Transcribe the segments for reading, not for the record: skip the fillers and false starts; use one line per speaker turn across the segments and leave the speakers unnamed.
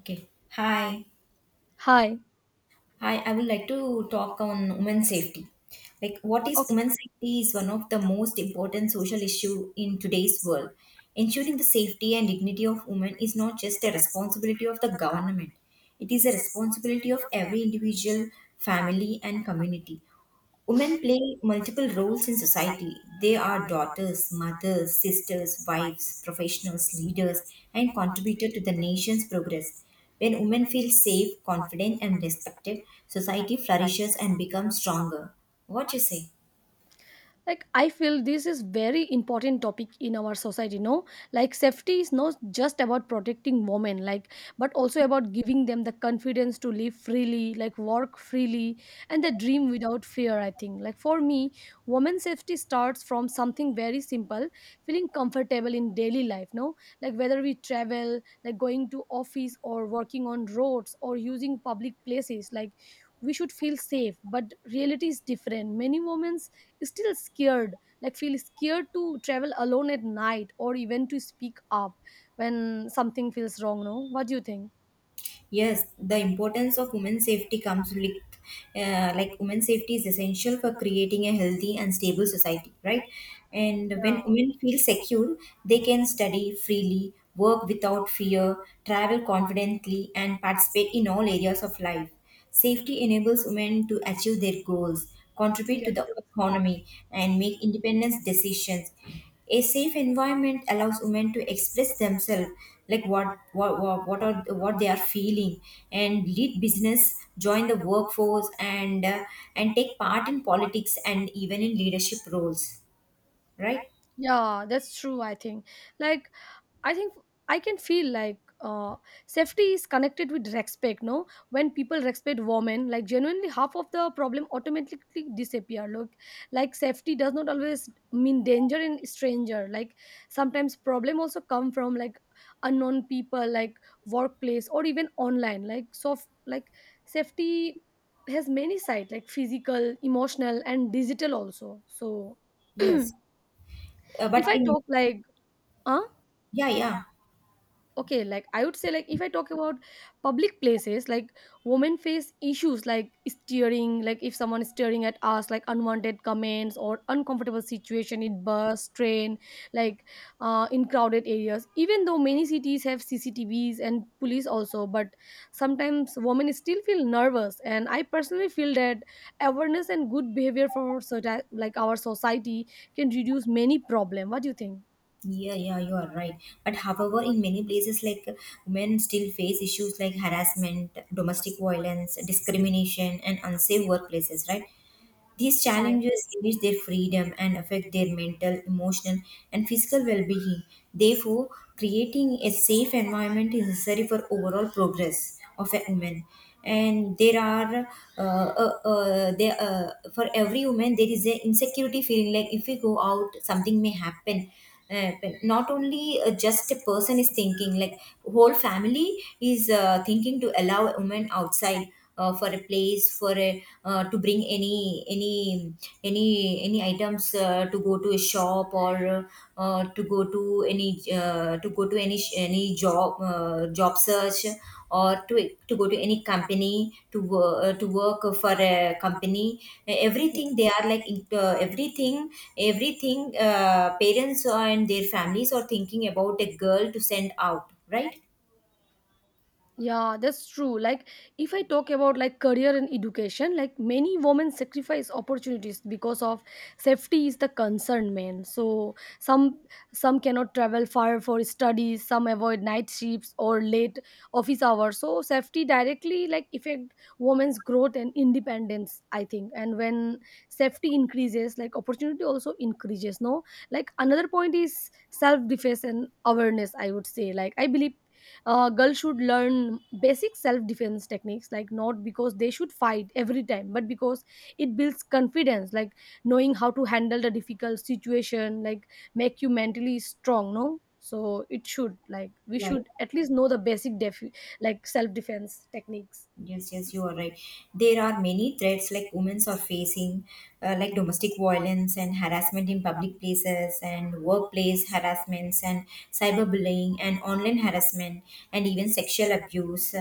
Okay. Hi.
Hi.
Hi. I would like to talk on women safety. Like, what is women safety is one of the most important social issue in today's world. Ensuring the safety and dignity of women is not just a responsibility of the government. It is a responsibility of every individual, family, and community. Women play multiple roles in society. They are daughters, mothers, sisters, wives, professionals, leaders, and contributor to the nation's progress. When women feel safe, confident, and respected, society flourishes and becomes stronger. What you say?
Like I feel this is very important topic in our society, no? Like safety is not just about protecting women, like but also about giving them the confidence to live freely, like work freely and the dream without fear. I think, like for me women's safety starts from something very simple, feeling comfortable in daily life, no? Like whether we travel, like going to office or working on roads or using public places, like we should feel safe. But reality is different. Many women's still scared, like feel scared to travel alone at night or even to speak up when something feels wrong, no? What do you think?
Yes, the importance of women's safety comes with, like women's safety is essential for creating a healthy and stable society, right? And when
Yeah,
women feel secure, they can study freely, work without fear, travel confidently, and participate in all areas of life. Safety enables women to achieve their goals, contribute
yes,
to the
yes.
economy, and make independent decisions. A safe environment allows women to express themselves, like what they are feeling, and lead business, join the workforce, and and take part in politics and even in leadership roles. Right?
Yeah, that's true, I think. Like I think I can feel like safety is connected with respect. No, when people respect women, like genuinely half of the problem automatically disappear. Look, like safety does not always mean danger in stranger. Like sometimes problem also come from like unknown people, like workplace or even online. Like soft, like safety has many sides, like physical, emotional, and digital also. So if
Yes. But
I
in
talk, like, huh?
yeah yeah.
Okay, like I would say, like if I talk about public places, like women face issues like steering, like if someone is staring at us, like unwanted comments or uncomfortable situation in bus train, like in crowded areas, even though many cities have cctvs and police also, but sometimes women still feel nervous. And I personally feel that awareness and good behavior for like our society can reduce many problem. What do you think?
Yeah, yeah, you are right. But however, in many places, like women still face issues like harassment, domestic violence, discrimination, and unsafe workplaces, right? These
Yeah,
challenges limit their freedom and affect their mental, emotional, and physical well being. Therefore, creating a safe environment is necessary for overall progress of a woman. And for every woman, there is a insecurity feeling like if we go out, something may happen. uh, Not only just a person is thinking like whole family is thinking to allow a woman outside for a place for a to bring any items to go to a shop or to go to any to go to any any job job search or to go to any company to to work for a company,
yeah.
everything they are like everything, everything, parents and their families are thinking about a girl to send out,
Yeah, that's true. Like, if I talk about like career and education, like many women sacrifice opportunities because of safety is the concern, man. So some cannot travel far for studies, some avoid night shifts or late office hours. So safety directly like affect women's growth and independence, I think. And when safety increases, like opportunity also increases, no? Like another point is self defense and awareness. I would say, like I believe girls should learn basic self-defense techniques, like not because they should fight every time but because it builds confidence, like knowing how to handle the difficult situation, like make you mentally strong, no? So it should, like we
right?
should at least know the basic like self-defense techniques.
Yes, yes, you are right. There are many threats like women are facing, like domestic violence and harassment in public places, and workplace harassments, and cyberbullying, and online harassment, and even sexual abuse.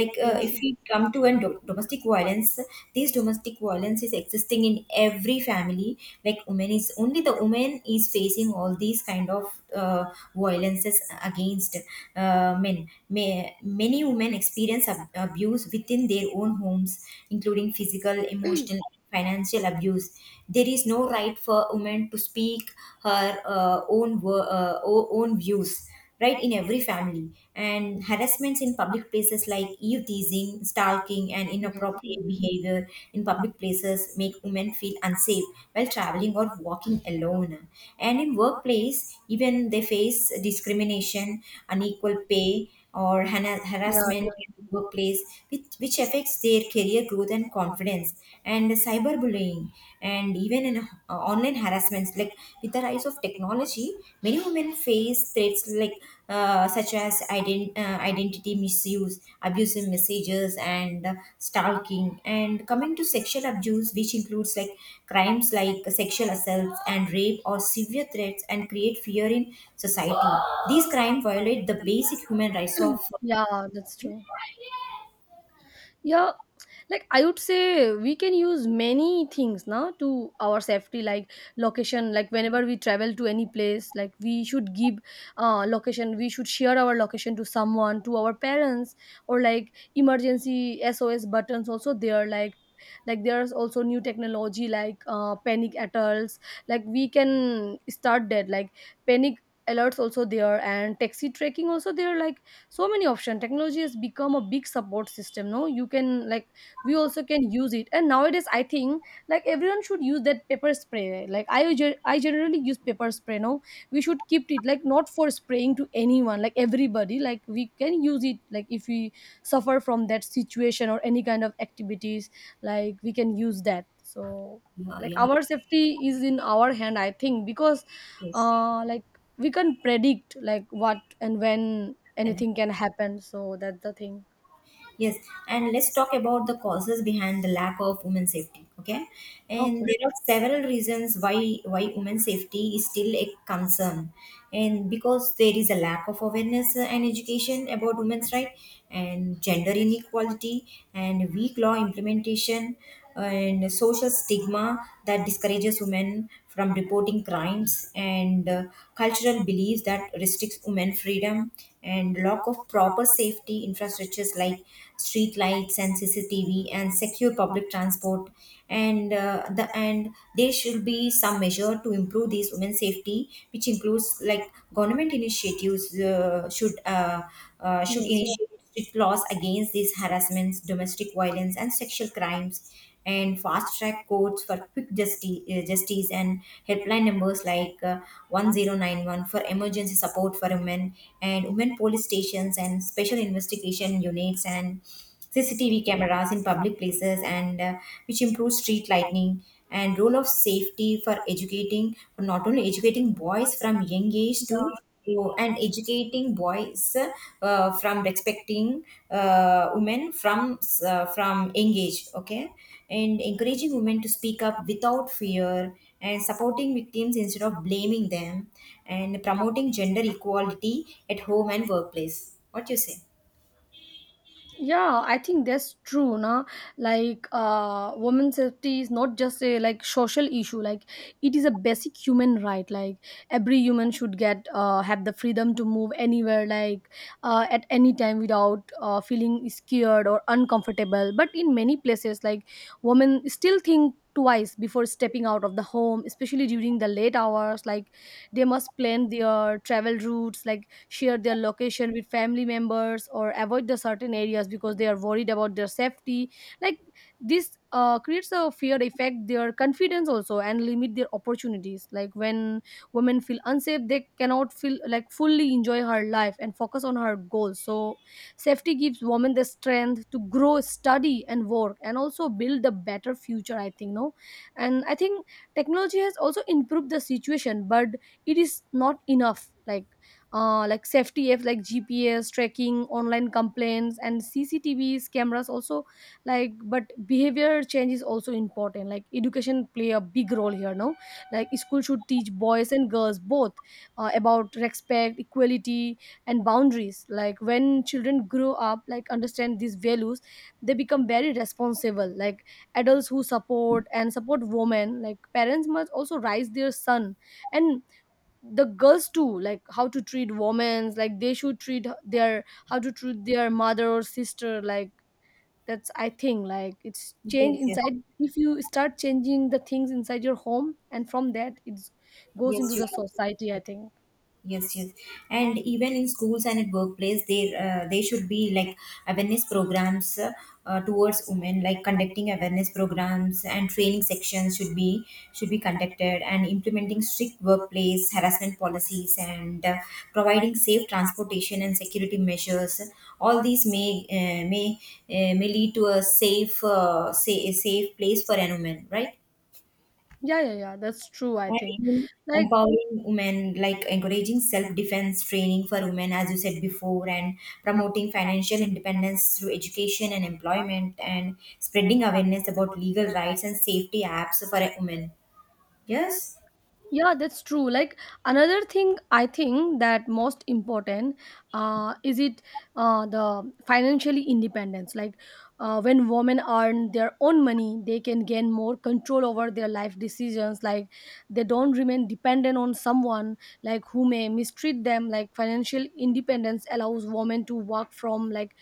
Like,
Yes,
if
yes,
we come to domestic violence, this domestic violence is existing in every family. Like, women is only the woman is facing all these kind of violences against men. Many women experience abuse within their own homes, including physical, emotional, financial abuse. There is no right for a woman to speak her own own views right in every family, and harassments in public places like eve teasing, stalking, and
yes, yeah,
inappropriate behavior in public places make women feel unsafe while traveling or walking alone, and in workplace even they face discrimination, unequal pay, or
yeah,
harassment
yeah,
in the workplace, which affects their career growth and confidence, and cyberbullying, and even in online harassments. Like with the rise of technology, many women face threats like such as identity misuse, abusive messages, and stalking. And coming to sexual abuse, which includes like crimes like sexual assaults and rape or severe threats and create fear in society. These crimes violate the basic human rights of.
yeah, that's true. Yeah, like I would say we can use many things now to our safety, like location, like whenever we travel to any place, like we should give location. We should share our location to someone, to our parents, or like emergency sos buttons also there. Like there's also new technology like panic alerts, like we can start that, like panic alerts also there. And taxi tracking also there, like so many options. Technology has become a big support system, no? You can, like we also can use it. And nowadays I think, like everyone should use that paper spray. Like I generally use paper spray, no? We should keep it, like not for spraying to anyone, like everybody, like we can use it, like if we suffer from that situation or any kind of activities, like we can use that. So
Yeah,
like
yeah.
our safety is in our hand, I think. Because
Yes.
like we can predict, like what and when anything can happen. So that's the thing.
Yes, and let's talk about the causes behind the lack of women safety. Okay, and
Okay.
there are several reasons why women safety is still a concern, and because there is a lack of awareness and education about women's right, and gender inequality, and weak law implementation, and social stigma that discourages women from reporting crimes, and cultural beliefs that restricts women freedom, and lack of proper safety infrastructures like street lights and cctv and secure public transport, and there should be some measure to improve these women's safety, which includes like government initiatives should
Yes, yes.
initiate strict laws against these harassments, domestic violence, and sexual crimes, and fast track courts for quick justice, and helpline numbers like 1091 for emergency support for women, and women police stations and special investigation units and CCTV cameras in public places, and which improves street lighting, and role of safety for educating, for not only educating boys from young age
Yeah,
to. Oh, and educating boys from respecting women from engage, okay, and encouraging women to speak up without fear, and supporting victims instead of blaming them, and promoting gender equality at home and workplace. What you say?
yeah, I think that's true, na. Like women's safety is not just a like social issue. Like it is a basic human right. Like every human should get have the freedom to move anywhere, like at any time without feeling scared or uncomfortable. But in many places, like women still think twice before stepping out of the home, especially during the late hours, like they must plan their travel routes, like share their location with family members or avoid the certain areas because they are worried about their safety. Like this creates a fear effect their confidence also and limit their opportunities. Like when women feel unsafe, they cannot feel like fully enjoy her life and focus on her goals. So safety gives women the strength to grow, study and work and also build a better future, I think, no? And I think technology has also improved the situation, but it is not enough. Like like safety apps like gps tracking, online complaints and cctvs cameras also. Like but behavior change is also important. Like education play a big role here, no? Like school should teach boys and girls both about respect, equality and boundaries. Like when children grow up, like understand these values, they become very responsible. Like adults who support and support women, like parents must also raise their son and the girls too, like how to treat women. Like they should treat their how to treat their mother or sister. Like that's, I think, like it's change
Yes,
inside. If you start changing the things inside your home, and from that it goes into
yes you.
the society, I think.
Yes, yes, and even in schools and at workplace, they should be like awareness programs towards women, like conducting awareness programs and training sections should be conducted, and implementing strict workplace harassment policies, and providing safe transportation and security measures. All these may lead to a safe a safe place for an woman, right?
Yeah, yeah, yeah, that's true, I
And
think,
even
like.
empowering women, like encouraging self defense training for women, as you said before, and promoting financial independence through education and employment, and spreading awareness about legal rights and safety apps for a women. Yes?
Yeah, that's true. Like another thing, I think that most important is it the financially independence. Like when women earn their own money, they can gain more control over their life decisions. Like they don't remain dependent on someone, like who may mistreat them. Like financial independence allows women to work from, like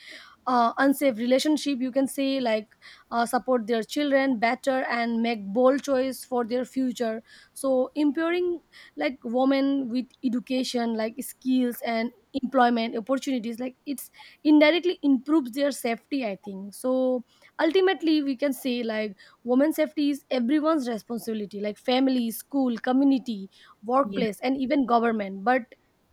unsafe relationship, you can say. Like support their children better and make bold choice for their future. So empowering, like women with education, like skills and employment opportunities, like it's indirectly improves their safety, I think. So ultimately we can say like women's safety is everyone's responsibility, like family, school, community,
Yes.
workplace and even government. But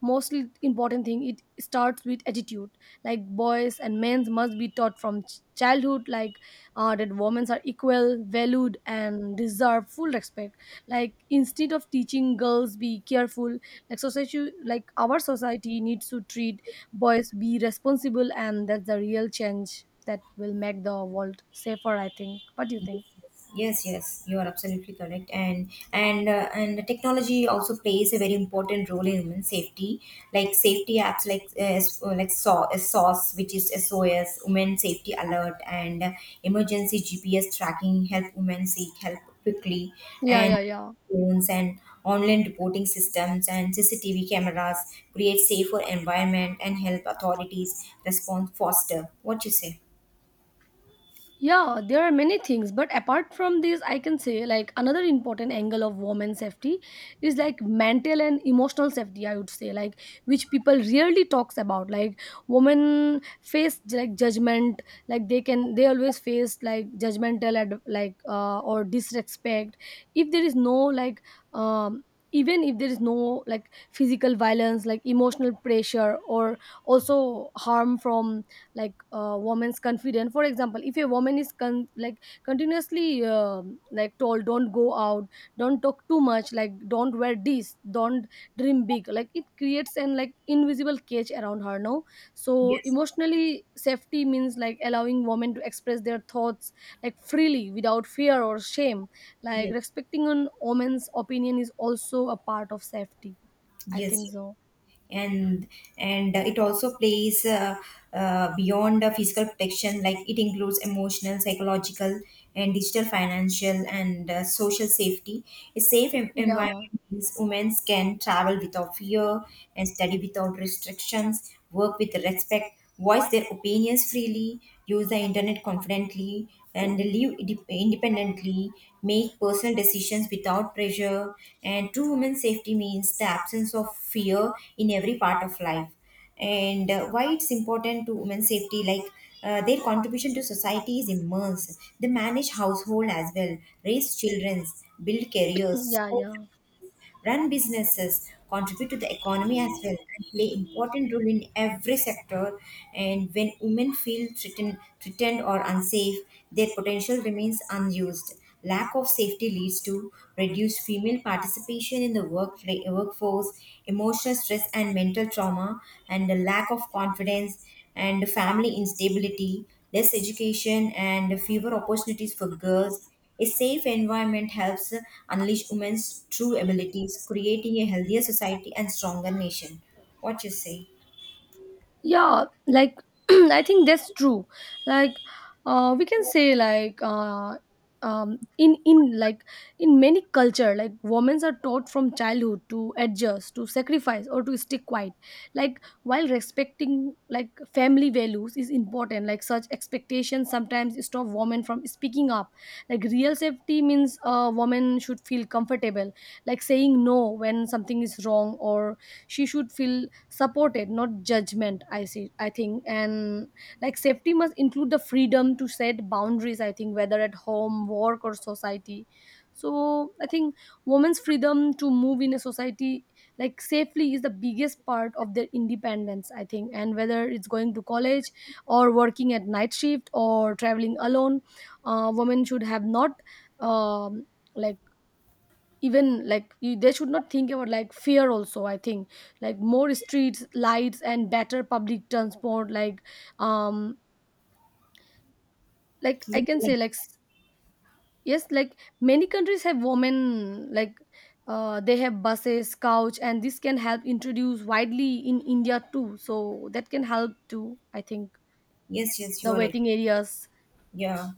mostly important thing, it starts with attitude. Like boys and men must be taught from childhood, like that women are equal, valued and deserve full respect. Like instead of teaching girls, be careful, like society, like our society needs to treat boys, be responsible. And that's the real change that will make the world safer, I think. What do you think?
Yes, yes, you are absolutely correct, and and the technology also plays a very important role in women's safety. Like safety apps, like like SAW, SOS, which is SOS, Women Safety Alert, and emergency GPS tracking help women seek help quickly,
Yeah,
and
yeah, yeah.
phones and online reporting systems and CCTV cameras create safer environment and help authorities respond faster. What you say?
Yeah, there are many things, but apart from this, I can say, like another important angle of women's safety is like mental and emotional safety. I would say, like which people rarely talks about. Like women face like judgment, like they can they always face like judgmental and like or disrespect if there is no, like um even if there is no, like physical violence, like emotional pressure or also harm from like a woman's confidence. For example, if a woman is like continuously, like told, don't go out, don't talk too much, like don't wear this, don't dream big, like it creates an like invisible cage around her, no? So
Yes,
emotionally safety means like allowing women to express their thoughts, like freely without fear or shame. Like
yes,
respecting an woman's opinion is also a part of safety, I think.
yes.
So
and and it also plays beyond the physical protection, like it includes emotional, psychological, and digital, financial, and social safety. A safe
yeah.
environment means women can travel without fear and study without restrictions, work with respect, voice their opinions freely, use the internet confidently, and live independently, make personal decisions without pressure. And true women's safety means the absence of fear in every part of life. And why it's important to women's safety, like their contribution to society is immense. They manage household as well, raise children, build careers,
Yeah, yeah,
run businesses, contribute to the economy as well, and play important role in every sector. And when women feel threatened or unsafe, their potential remains unused. Lack of safety leads to reduced female participation in the workforce, emotional stress and mental trauma, and the lack of confidence, and family instability, less education, and fewer opportunities for girls. A safe environment helps unleash women's true abilities, creating a healthier society and stronger nation. What you say?
yeah, like I think that's true. Like we can say like in like in many culture, like women are taught from childhood to adjust, to sacrifice or to stay quiet. Like while respecting like family values is important, like such expectations sometimes stop women from speaking up. Like real safety means a woman should feel comfortable, like saying no when something is wrong, or she should feel supported, not judgment, I see, I think. And like safety must include the freedom to set boundaries, I think, whether at home, work or society. So I think women's freedom to move in a society, like safely, is the biggest part of their independence, I think. And whether it's going to college or working at night shift or traveling alone, women should have not um, like even like they should not think about like fear also, I think. Like more streets lights and better public transport, um like I
Yes,
can say like yes, like many countries have women like they have buses couch and this can help introduce widely in india too, so that can help too, I think.
yes, you
The
are
waiting
right.
areas.
Yeah.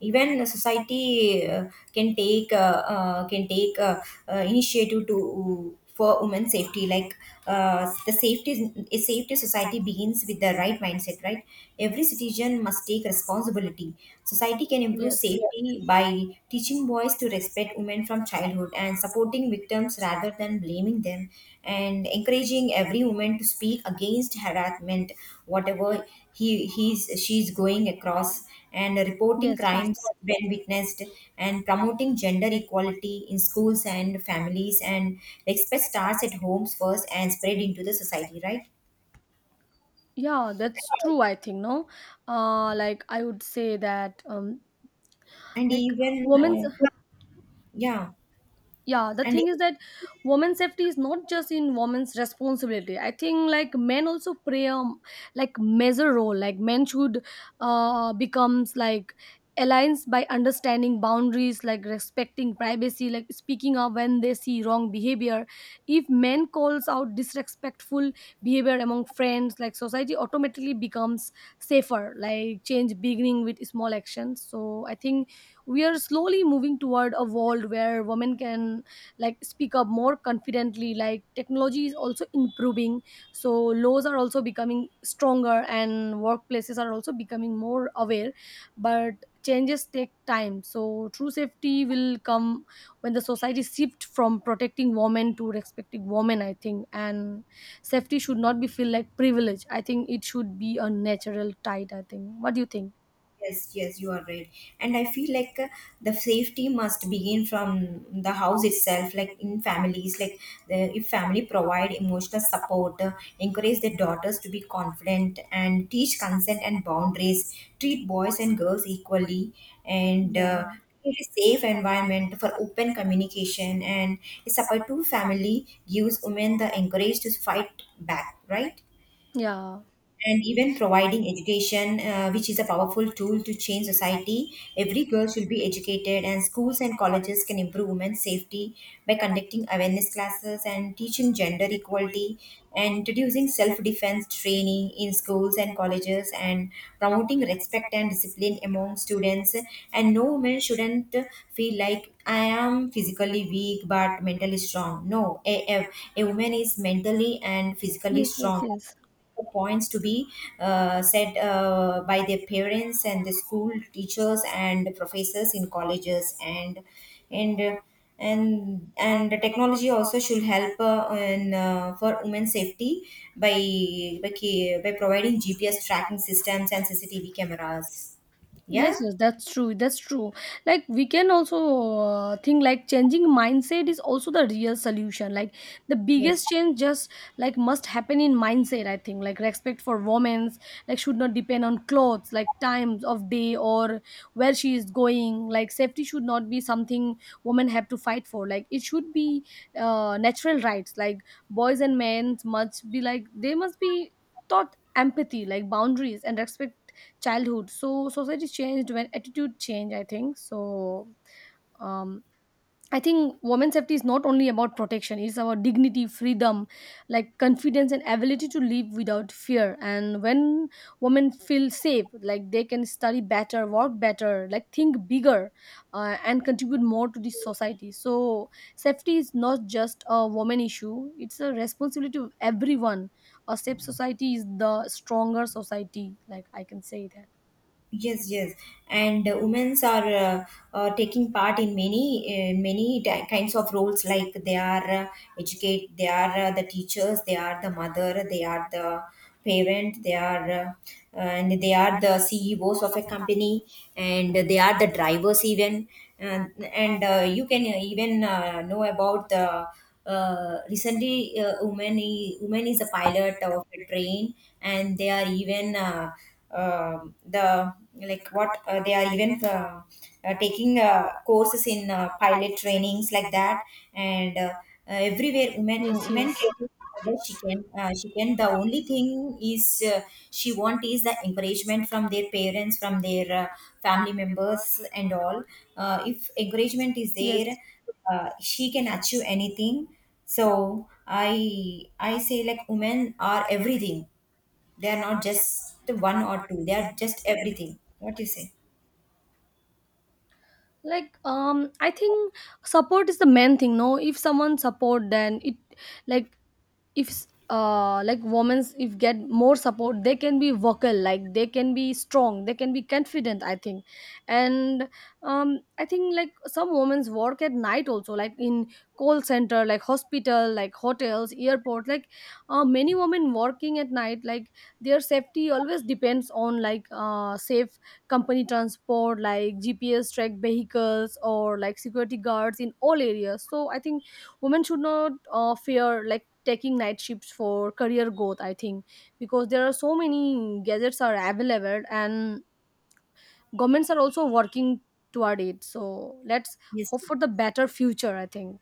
Even the society can take initiative to for women's safety. Like the safety a safety society begins with the right mindset, right? Every citizen must take responsibility. Society can improve
Yes,
safety by teaching boys to respect women from childhood, and supporting victims rather than blaming them, and encouraging every woman to speak against harassment, whatever he he's she's going across, and reporting
yes. Yes,
crimes when witnessed, and promoting gender equality in schools and families, and respect starts at homes first and spread into the society, right?
yeah, that's true, I think, no. Like I would say that,
And
like
even
women's...
yeah,
yeah, the
and.
thing is that women's safety is not just in women's responsibility, I think. Like men also play a like major role. Like men should becomes like alliance by understanding boundaries, like respecting privacy, like speaking up when they see wrong behavior. If men calls out disrespectful behavior among friends, like society automatically becomes safer. Like change beginning with small actions. So I think we are slowly moving toward a world where women can like speak up more confidently. Like technology is also improving, so laws are also becoming stronger and workplaces are also becoming more aware, but changes take time, so true safety will come when the society shift from protecting women to respecting women, I think. And safety should not be feel like privilege, I think. It should be a natural tide, I think. What do you think?
Yes, yes, you are right. And I feel like the safety must begin from the house itself, like in families. Like the, if family provide emotional support, encourage their daughters to be confident, and teach consent and boundaries, treat boys and girls equally, and
Yeah,
create a safe environment for open communication, and a supportive family gives women the encourage to fight back, right?
yeah,
And even providing education, which is a powerful tool to change society. Every girl should be educated, and schools and colleges can improve women's safety by conducting awareness classes and teaching gender equality, and introducing self defense training in schools and colleges, and promoting respect and discipline among students. And no woman shouldn't feel like I am physically weak but mentally strong. No, a woman is mentally and physically
yes, yes,
strong.
yes.
Points to be said by their parents and the school teachers and the professors in colleges, and uh, and the technology also should help in for women's safety by providing GPS tracking systems and CCTV cameras. Yeah.
Yes, yes, that's true. That's true. Like we can also think, like, changing mindset is also the real solution. Like the
Yes.
biggest change just like must happen in mindset. I think like respect for women's like should not depend on clothes, like times of day, or where she is going. Like safety should not be something women have to fight for. Like it should be natural rights. Like boys and men must be like they must be taught empathy, like boundaries and respect childhood. So society changed when attitude changed, I think. So um I think women's safety is not only about protection, it's about dignity, freedom, like confidence and ability to live without fear. And when women feel safe, like they can study better, work better, like think bigger, and contribute more to the society. So safety is not just a woman issue, it's a responsibility of everyone. A safe society is the stronger society, like I can say that.
Yes, yes, and women's are taking part in many many kinds of roles. Like they are educate, they are the teachers, they are the mother, they are the parent, they are and they are the ceos of a company, and they are the drivers even. And you can even know about the recently, woman is a pilot of a train. And they are even the like what they are even taking courses in pilot trainings like that. And Everywhere women
Yes,
women
yes,
can do whatever she can, she can, the only thing is uh, she want is the encouragement from their parents, from their family members and all. If encouragement is there,
yes.
she can achieve anything. So i I say like women are everything, they are not just one or two, they are just everything. What do you say?
Like I think support is the main thing, no? If someone support then it, like, if like women's if get more support, they can be vocal, like they can be strong, they can be confident, I think. And I think like some women's work at night also, like in call center, like hospital, like hotels, airport, like many women working at night, like their safety always depends on like safe company transport, like GPS tracked vehicles, or like security guards in all areas, so I think women should not fear like taking night shifts for career growth, I think. Because there are so many gadgets are available and governments are also working toward it. So let's
Yes.
hope for the better future, I think.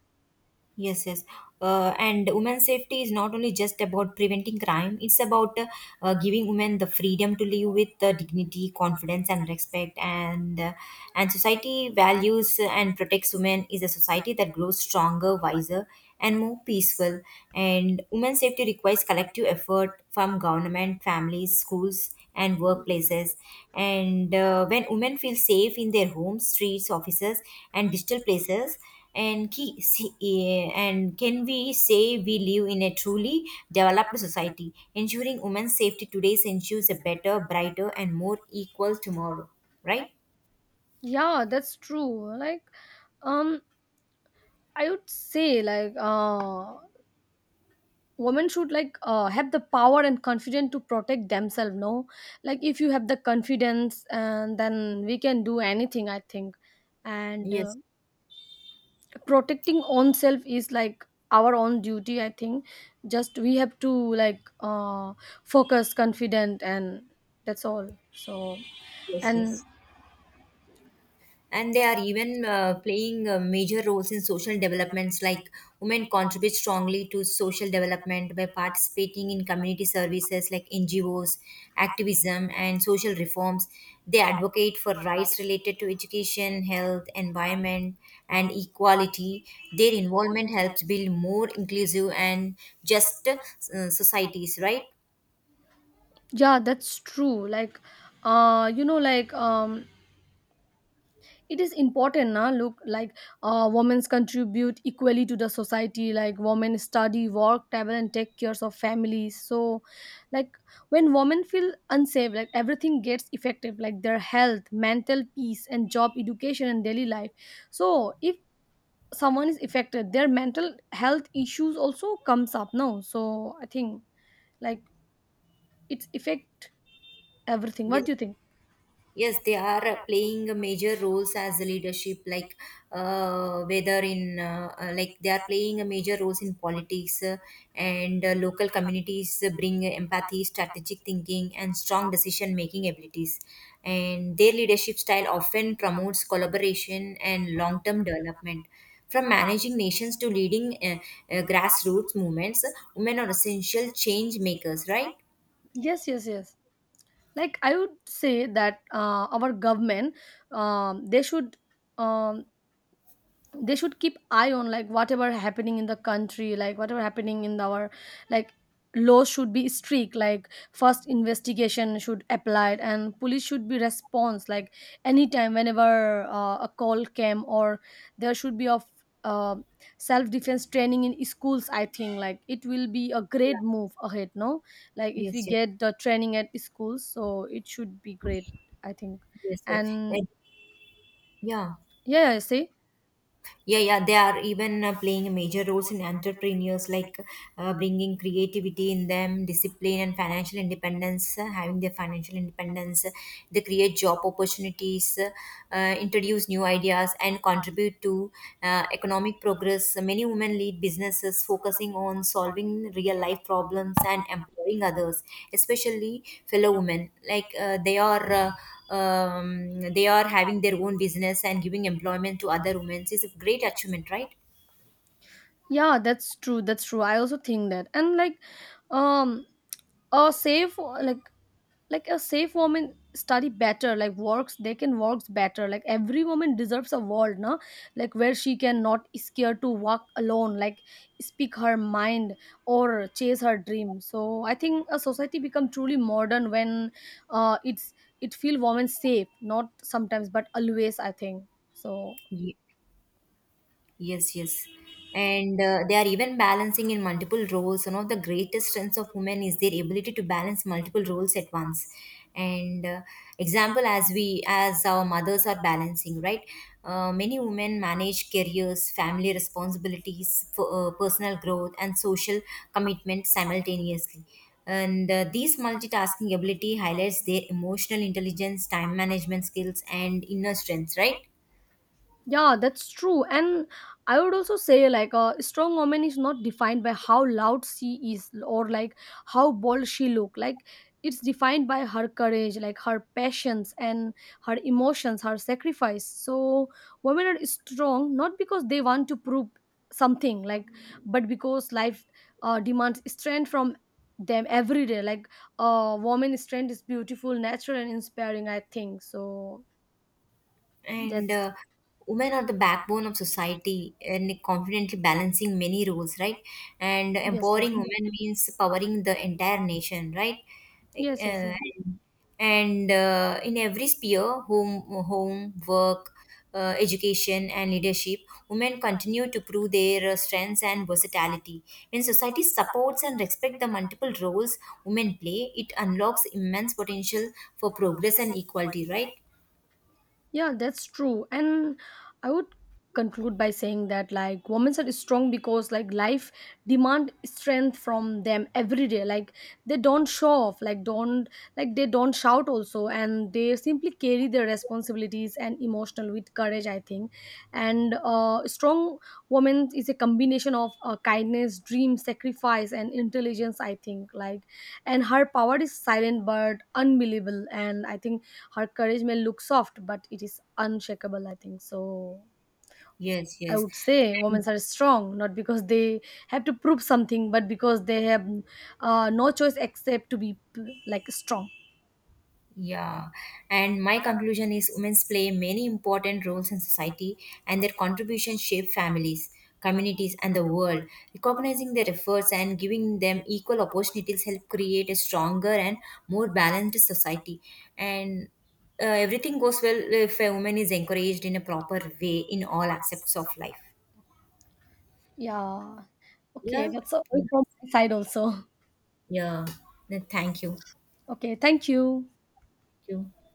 Yes, yes. And women's safety is not only just about preventing crime, it's about giving women the freedom to live with dignity, confidence, and respect. And society values and protects women is a society that grows stronger, wiser, and more peaceful. And women's safety requires collective effort from government, families, schools, and workplaces. And when women feel safe in their homes, streets, offices, and digital places, and ki- see, eh, and can we say we live in a truly developed society? Ensuring women's safety today ensures a better, brighter, and more equal tomorrow. Right?
Yeah, that's true. Like um I would say like women should like have the power and confidence to protect themselves, no? Like if you have the confidence, and then we can do anything, I think. And
Yes.
protecting own self is like our own duty, I think. Just we have to like focus confident and that's all. So
Yes.
and
Yes. And they are even playing major roles in social developments, like women contribute strongly to social development by participating in community services like NGOs, activism, and social reforms. They advocate for rights related to education, health, environment, and equality. Their involvement helps build more inclusive and just societies, right?
yeah, that's true. Like like it is important now. Look, like women contribute equally to the society, like women study, work, travel and take cares of families. So like when women feel unsafe, like everything gets affected, like their health, mental peace and job, education and daily life. So if someone is affected, their mental health issues also comes up now, so I think like it's affect everything. What
Yes.
do you think?
Yes, they are playing a major roles as a leadership, like whether in like they are playing a major roles in politics and local communities bring empathy, strategic thinking, and strong decision making abilities. And their leadership style often promotes collaboration and long term development. From managing nations to leading grassroots movements, women are essential change makers, right?
Yes, yes, yes. Like I would say that our government, um, they should um, they should keep eye on like whatever happening in the country, like whatever happening in our, like laws should be strict, like first investigation should apply and police should be response, like anytime whenever a call came, or there should be of uh, self-defense training in schools, I think. Like it will be a great move ahead, no? Like if we
Yes, yes,
get the training at schools, so it should be great, I think.
yes, yes.
And
And, yeah.
yeah, see.
Yeah, yeah, they are even playing major roles in entrepreneurs, like bringing creativity in them, discipline, and financial independence. Having their financial independence, they create job opportunities, introduce new ideas, and contribute to economic progress. Many women lead businesses focusing on solving real life problems and empowering others, especially fellow women. Like they are having their own business and giving employment to other women is a great achievement, right?
Yeah, that's true. That's true. I also think that. And like um a safe like a safe woman study better, like works, they can works better, like every woman deserves a world, no? Like where she can not scared to walk alone, like speak her mind, or chase her dream. So I think a society become truly modern when uh it's it feel women safe not sometimes but always, I think so.
Ye- Yes, yes. And they are even balancing in multiple roles. One of the greatest strengths of women is their ability to balance multiple roles at once. And example, as we as our mothers are balancing, right? Many women manage careers, family responsibilities, for, personal growth, and social commitment simultaneously. And these multitasking ability highlights their emotional intelligence, time management skills, and inner strength, right?
Yeah, that's true. And I would also say like a strong woman is not defined by how loud she is, or like how bold she look. Like it's defined by her courage, like her passions and her emotions, her sacrifice. So women are strong not because they want to prove something, like, but because life demands strength from them every day, like a woman strength is beautiful, natural and inspiring, I think so.
And
That's.
women are the backbone of society and confidently balancing many roles, right? And
Yes, yes,
empowering women means powering the entire nation, right?
yes, yes,
uh,
yes.
and uh, in every sphere, home, work, education, and leadership, women continue to prove their strengths and versatility. When society supports and respects the multiple roles women play, it unlocks immense potential for progress and equality, right?
Yeah, that's true. And I would conclude by saying that like women are strong because like life demand strength from them every day. Like they don't show off, like don't like they don't shout also, and they simply carry their responsibilities and emotional with courage, I think. And strong woman is a combination of kindness, dream, sacrifice and intelligence, I think like. And her power is silent but unbelievable, and I think her courage may look soft but it is unshakable, I think so.
Yes,
I
yes.
would say women
And-
are strong not because they have to prove something, but because they have no choice except to be like strong.
Yeah. And my conclusion is women play many important roles in society, and their contributions shape families, communities, and the world. Recognizing their efforts and giving them equal opportunities help create a stronger and more balanced society. And everything goes well if a woman is encouraged in a proper way in all aspects of life.
Yeah,
Yeah.
okay, that's all
Yeah.
from my side also.
Yeah. Thank you.
Okay, thank you.
Thank you.